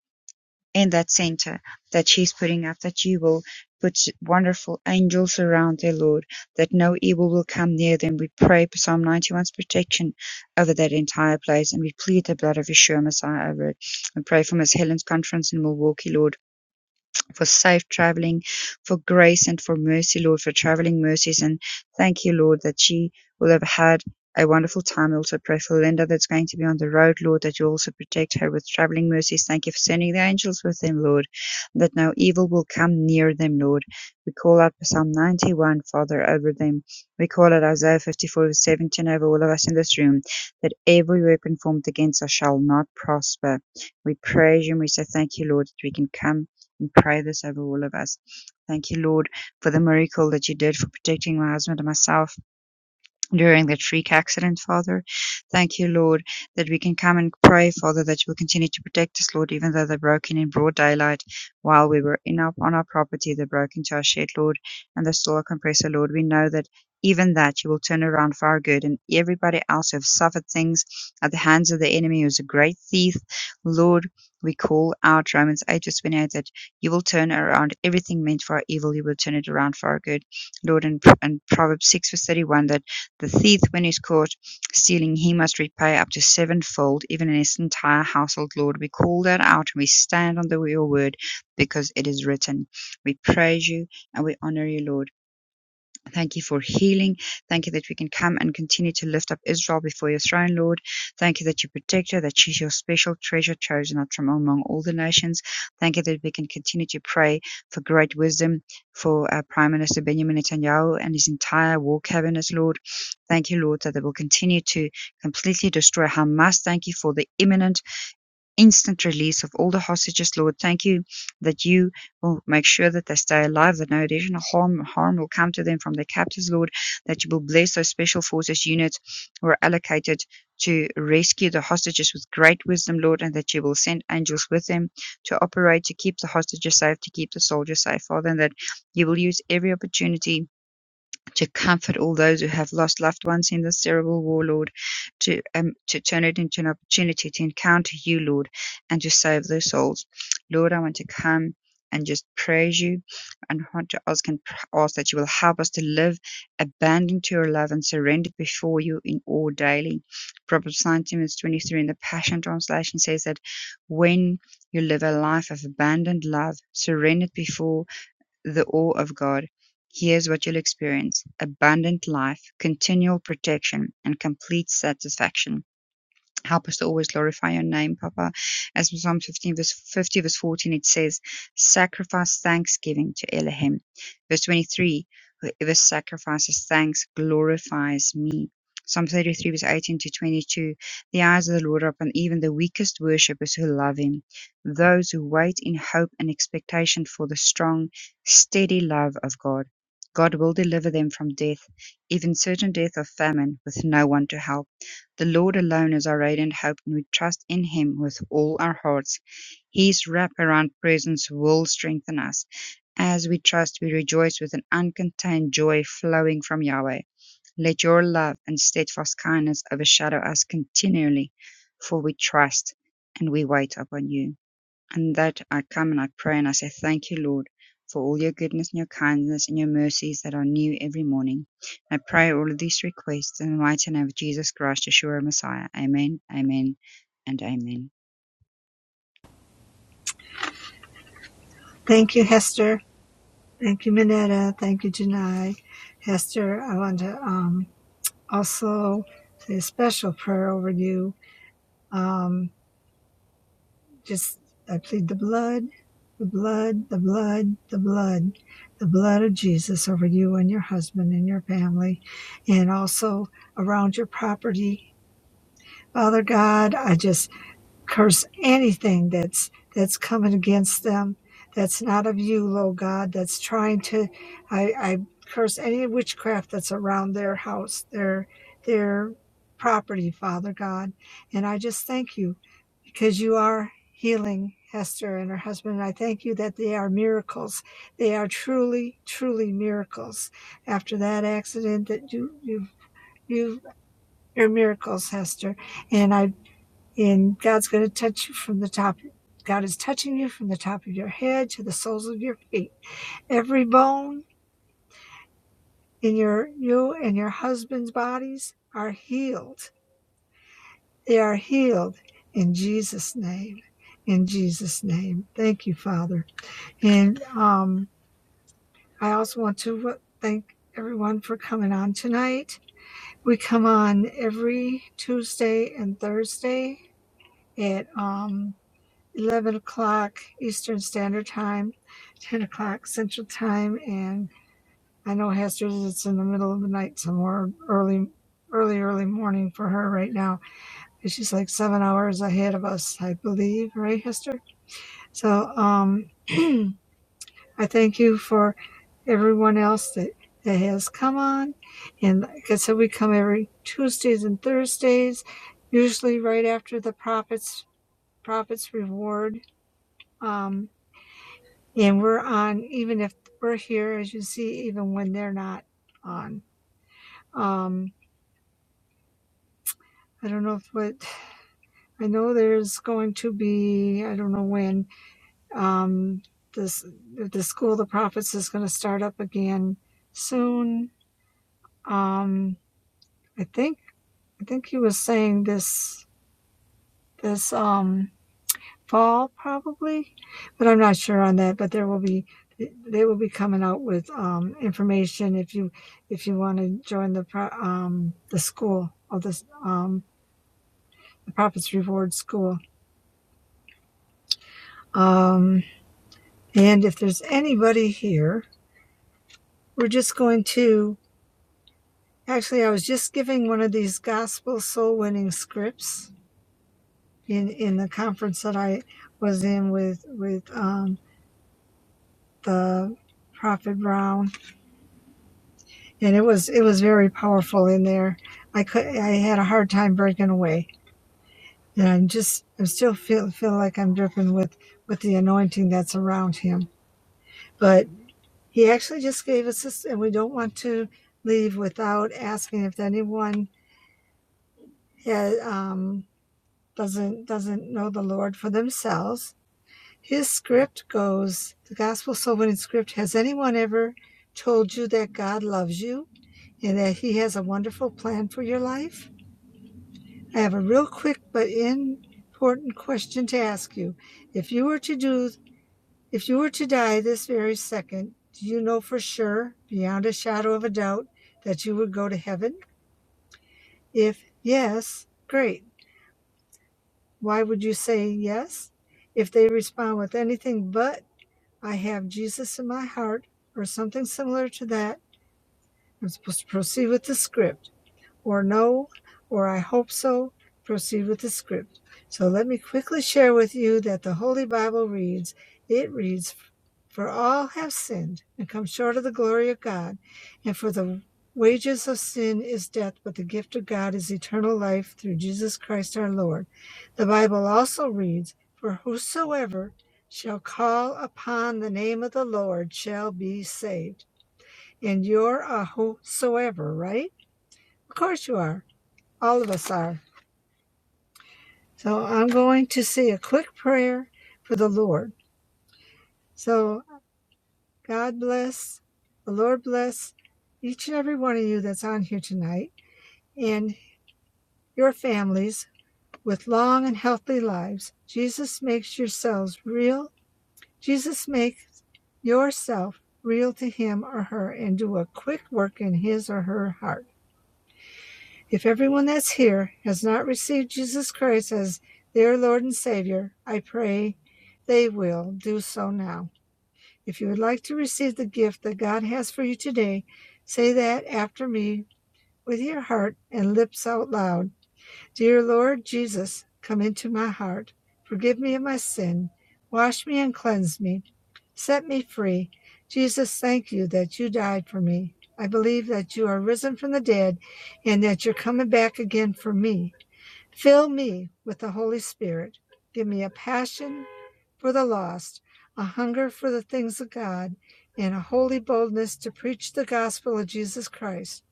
in that center that she's putting up, that you will put wonderful angels around, their Lord, that no evil will come near them. We pray for Psalm 91's protection over that entire place, and we plead the blood of Yeshua Messiah over it. We pray for Miss Helen's conference in Milwaukee, Lord for safe traveling, for grace and for mercy, Lord, for traveling mercies. And thank you, Lord, that she will have had a wonderful time. I also pray for Linda that's going to be on the road, Lord, that you also protect her with traveling mercies. Thank you for sending the angels with them, Lord, that no evil will come near them, Lord. We call out Psalm 91, Father, over them. We call out Isaiah 54 17 over all of us in this room, that every weapon formed against us shall not prosper. We praise you and we say thank you, Lord, that we can come and pray this over all of us. Thank you, Lord, for the miracle that you did for protecting my husband and myself during that freak accident, Father. Thank you, Lord, that we can come and pray, Father, that you will continue to protect us, Lord, even though they broke in in broad daylight while we were in our, on our property. They broke into our shed, Lord, and the solar compressor, Lord. We know that even that you will turn around for our good and everybody else who have suffered things at the hands of the enemy who's a great thief, Lord. We call out Romans 8 verse 28 that you will turn around everything meant for our evil, you will turn it around for our good. Lord, and, and Proverbs 6 verse 31 that the thief, when he is caught stealing, he must repay up to sevenfold, even in his entire household. Lord, we call that out. and We stand on the, your word because it is written. We praise you and we honor you, Lord. Thank you for healing. Thank you that we can come and continue to lift up Israel before your throne, Lord. Thank you that you protect her, that she's your special treasure chosen out from among all the nations. Thank you that we can continue to pray for great wisdom for our Prime Minister Benjamin Netanyahu and his entire war cabinet, Lord. Thank you, Lord, that they will continue to completely destroy Hamas. Thank you for the imminent instant release of all the hostages, Lord. Thank you that you will make sure that they stay alive, that no additional harm, harm will come to them from their captors, Lord, that you will bless those special forces units who are allocated to rescue the hostages with great wisdom, Lord, and that you will send angels with them to operate to keep the hostages safe, to keep the soldiers safe, Father, and that you will use every opportunity to comfort all those who have lost loved ones in this terrible war, Lord, to um, to turn it into an opportunity to encounter you, Lord, and to save their souls. Lord, I want to come and just praise you and want to ask and ask that you will help us to live abandoned to your love and surrendered before you in all daily. Proverbs 19 verse 23 in the Passion Translation says that when you live a life of abandoned love, surrendered before the awe of God, here's what you'll experience abundant life, continual protection, and complete satisfaction. Help us to always glorify your name, Papa. As in Psalm 15, verse 50, verse 14, it says, Sacrifice thanksgiving to Elohim. Verse 23, Whoever sacrifices thanks glorifies me. Psalm 33, verse 18 to 22, The eyes of the Lord are upon even the weakest worshippers who love him, those who wait in hope and expectation for the strong, steady love of God. God will deliver them from death, even certain death of famine, with no one to help. The Lord alone is our aid and hope, and we trust in Him with all our hearts. His wraparound presence will strengthen us. As we trust, we rejoice with an uncontained joy flowing from Yahweh. Let your love and steadfast kindness overshadow us continually, for we trust and we wait upon you and that I come and I pray and I say, Thank you, Lord, for all your goodness and your kindness and your mercies that are new every morning. I pray all of these requests in the mighty name of Jesus Christ, Yeshua, Messiah. Amen, amen, and amen.
Thank you, Hester. Thank you, Minetta. Thank you, Janai. Hester, I want to um, also say a special prayer over you. Um, just, I plead the blood, the blood, the blood, the blood, the blood of Jesus over you and your husband and your family, and also around your property. Father God, I just curse anything that's that's coming against them that's not of you lord god that's trying to i i curse any witchcraft that's around their house their their property father god and i just thank you because you are healing Hester and her husband. And I thank you that they are miracles. They are truly, truly miracles. After that accident, that you, you, you're miracles, Hester. And I and God's going to touch you from the top. God is touching you from the top of your head to the soles of your feet. Every bone in your you and your husband's bodies are healed. They are healed in Jesus' name. In Jesus' name. Thank you, Father. And um, I also want to thank everyone for coming on tonight. We come on every Tuesday and Thursday at um, 11 o'clock Eastern Standard Time, 10 o'clock Central Time, and I know Hester's it's in the middle of the night somewhere, early, early, early morning for her right now. She's like seven hours ahead of us, I believe, right, Hester? So um, I thank you for everyone else that, that has come on. And like I said, we come every Tuesdays and Thursdays, usually right after the Prophet's, Prophet's Reward. Um, and we're on even if we're here as you see even when they're not on um i don't know if what i know there's going to be i don't know when um this the school of the prophets is going to start up again soon um i think i think he was saying this this um fall probably, but I'm not sure on that, but there will be they will be coming out with um information if you if you want to join the pro- um the school of this um the Prophets Reward School. Um and if there's anybody here, we're just going to actually I was just giving one of these gospel soul winning scripts in in the conference that I was in with with um the Prophet Brown and it was it was very powerful in there. I could I had a hard time breaking away, and I'm just I still feel feel like I'm dripping with with the anointing that's around him. But he actually just gave us this, and we don't want to leave without asking if anyone has, um, doesn't doesn't know the Lord for themselves. His script goes the gospel soul winning script. Has anyone ever told you that God loves you and that He has a wonderful plan for your life? I have a real quick but important question to ask you. If you were to do, if you were to die this very second, do you know for sure, beyond a shadow of a doubt, that you would go to heaven? If yes, great. Why would you say yes? If they respond with anything but, I have Jesus in my heart, or something similar to that, I'm supposed to proceed with the script. or no, or I hope so, proceed with the script. So let me quickly share with you that the Holy Bible reads, it reads, For all have sinned and come short of the glory of God, and for the wages of sin is death, but the gift of God is eternal life through Jesus Christ our Lord. The Bible also reads, For whosoever shall call upon the name of the Lord shall be saved. And you're a whosoever, right? Of course you are all of us are. So I'm going to say a quick prayer for the Lord. So God bless, the Lord bless each and every one of you that's on here tonight and your families with long and healthy lives. Jesus makes yourselves real. Jesus makes yourself real to him or her and do a quick work in his or her heart. If everyone that's here has not received Jesus Christ as their Lord and Savior, I pray they will do so now. If you would like to receive the gift that God has for you today, say that after me with your heart and lips out loud. Dear Lord Jesus, come into my heart. Forgive me of my sin. Wash me and cleanse me. Set me free. Jesus, thank you that you died for me. I believe that you are risen from the dead and that you're coming back again for me. Fill me with the Holy Spirit. Give me a passion for the lost, a hunger for the things of God, and a holy boldness to preach the gospel of Jesus Christ.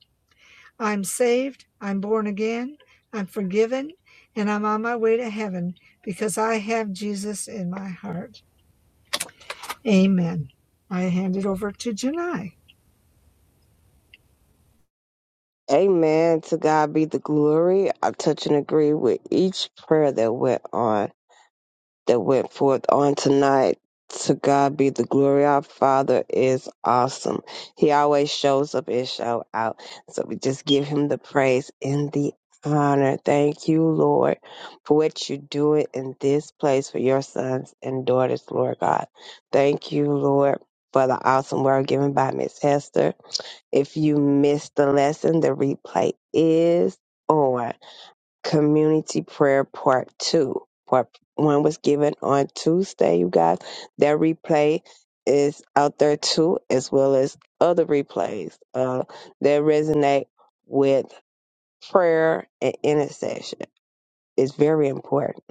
I'm saved, I'm born again, I'm forgiven, and I'm on my way to heaven because I have Jesus in my heart. Amen. I hand it over to Janai.
Amen. To God be the glory. I touch and agree with each prayer that went on. that went forth on tonight. To God be the glory. Our Father is awesome. He always shows up and show out. So we just give him the praise and the honor. Thank you, Lord, for what you're doing in this place for your sons and daughters, Lord God. Thank you, Lord. For the awesome word given by Miss Hester. If you missed the lesson, the replay is on community prayer part two. Part one was given on Tuesday, you guys. That replay is out there too, as well as other replays uh, that resonate with prayer and intercession. It's very important.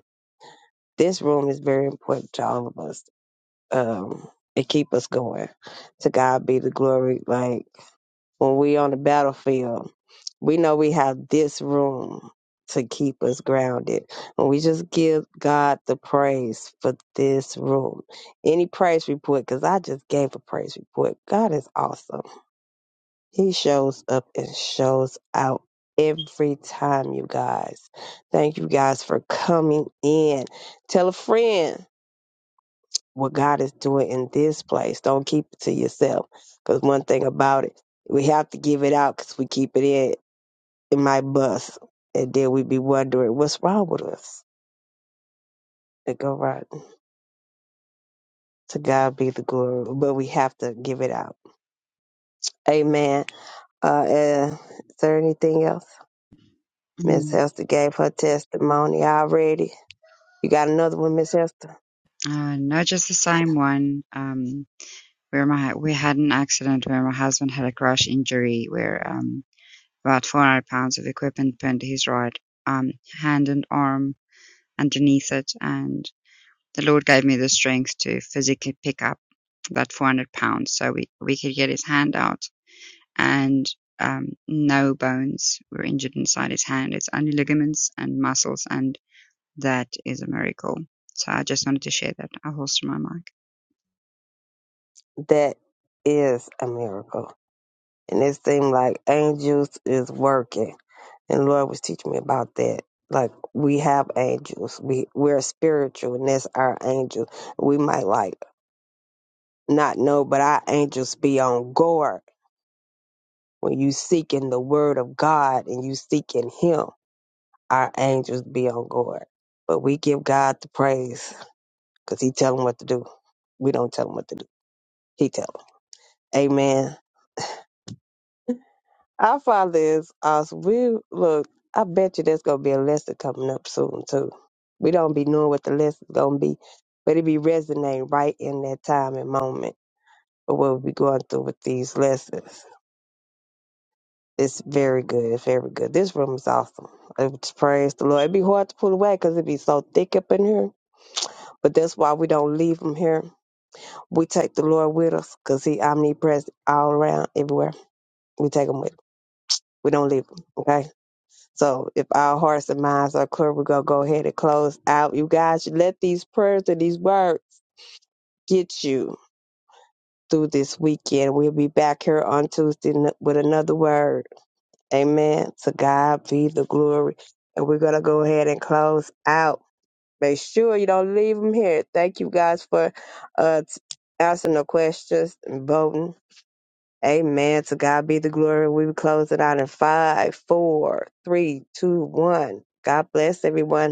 This room is very important to all of us. Um, it keep us going. To God be the glory. Like when we on the battlefield, we know we have this room to keep us grounded. And we just give God the praise for this room. Any praise report, because I just gave a praise report. God is awesome. He shows up and shows out every time, you guys. Thank you guys for coming in. Tell a friend what God is doing in this place. Don't keep it to yourself. Because one thing about it, we have to give it out because we keep it in, it might bust. And then we be wondering what's wrong with us. It go right. To God be the glory. But we have to give it out. Amen. Uh, uh is there anything else? Miss
Mm.
Hester gave her testimony already. You got another one, Miss Hester?
Uh, no, just the same one. Um, where my we had an accident where my husband had a crash injury where um about 400 pounds of equipment pinned to his right um hand and arm underneath it, and the Lord gave me the strength to physically pick up that 400 pounds. So we, we could get his hand out and um, no bones were injured inside his hand. It's only ligaments and muscles, and that is a miracle. So I just wanted to share that. i holster my mic.
That is a miracle. And it seems like angels is working and Lord was teaching me about that. Like we have angels, we we're spiritual, and that's our angel. We might like not know, but our angels be on guard when you seeking the word of God and you seeking Him. Our angels be on guard, but we give God the praise because He tell them what to do. We don't tell them what to do. He tell them. Amen. Our Father is awesome. We look. I bet you there's gonna be a lesson coming up soon too. We don't be knowing what the lesson's gonna be, but it be resonating right in that time and moment of what we going through with these lessons. It's very good. It's very good. This room is awesome. It's praise the Lord. It'd be hard to pull away because it be so thick up in here, but that's why we don't leave him here. We take the Lord with us because he omnipresent all around, everywhere. We take him with. We don't leave him. Okay. So if our hearts and minds are clear, we're going to go ahead and close out. You guys, let these prayers and these words get you through this weekend. We'll be back here on Tuesday n- with another word. Amen. To God be the glory. And we're going to go ahead and close out. Make sure you don't leave them here. Thank you guys for uh, t- answering the questions and voting. Amen. To God be the glory. We will close it out in five, four, three, two, one. God bless everyone.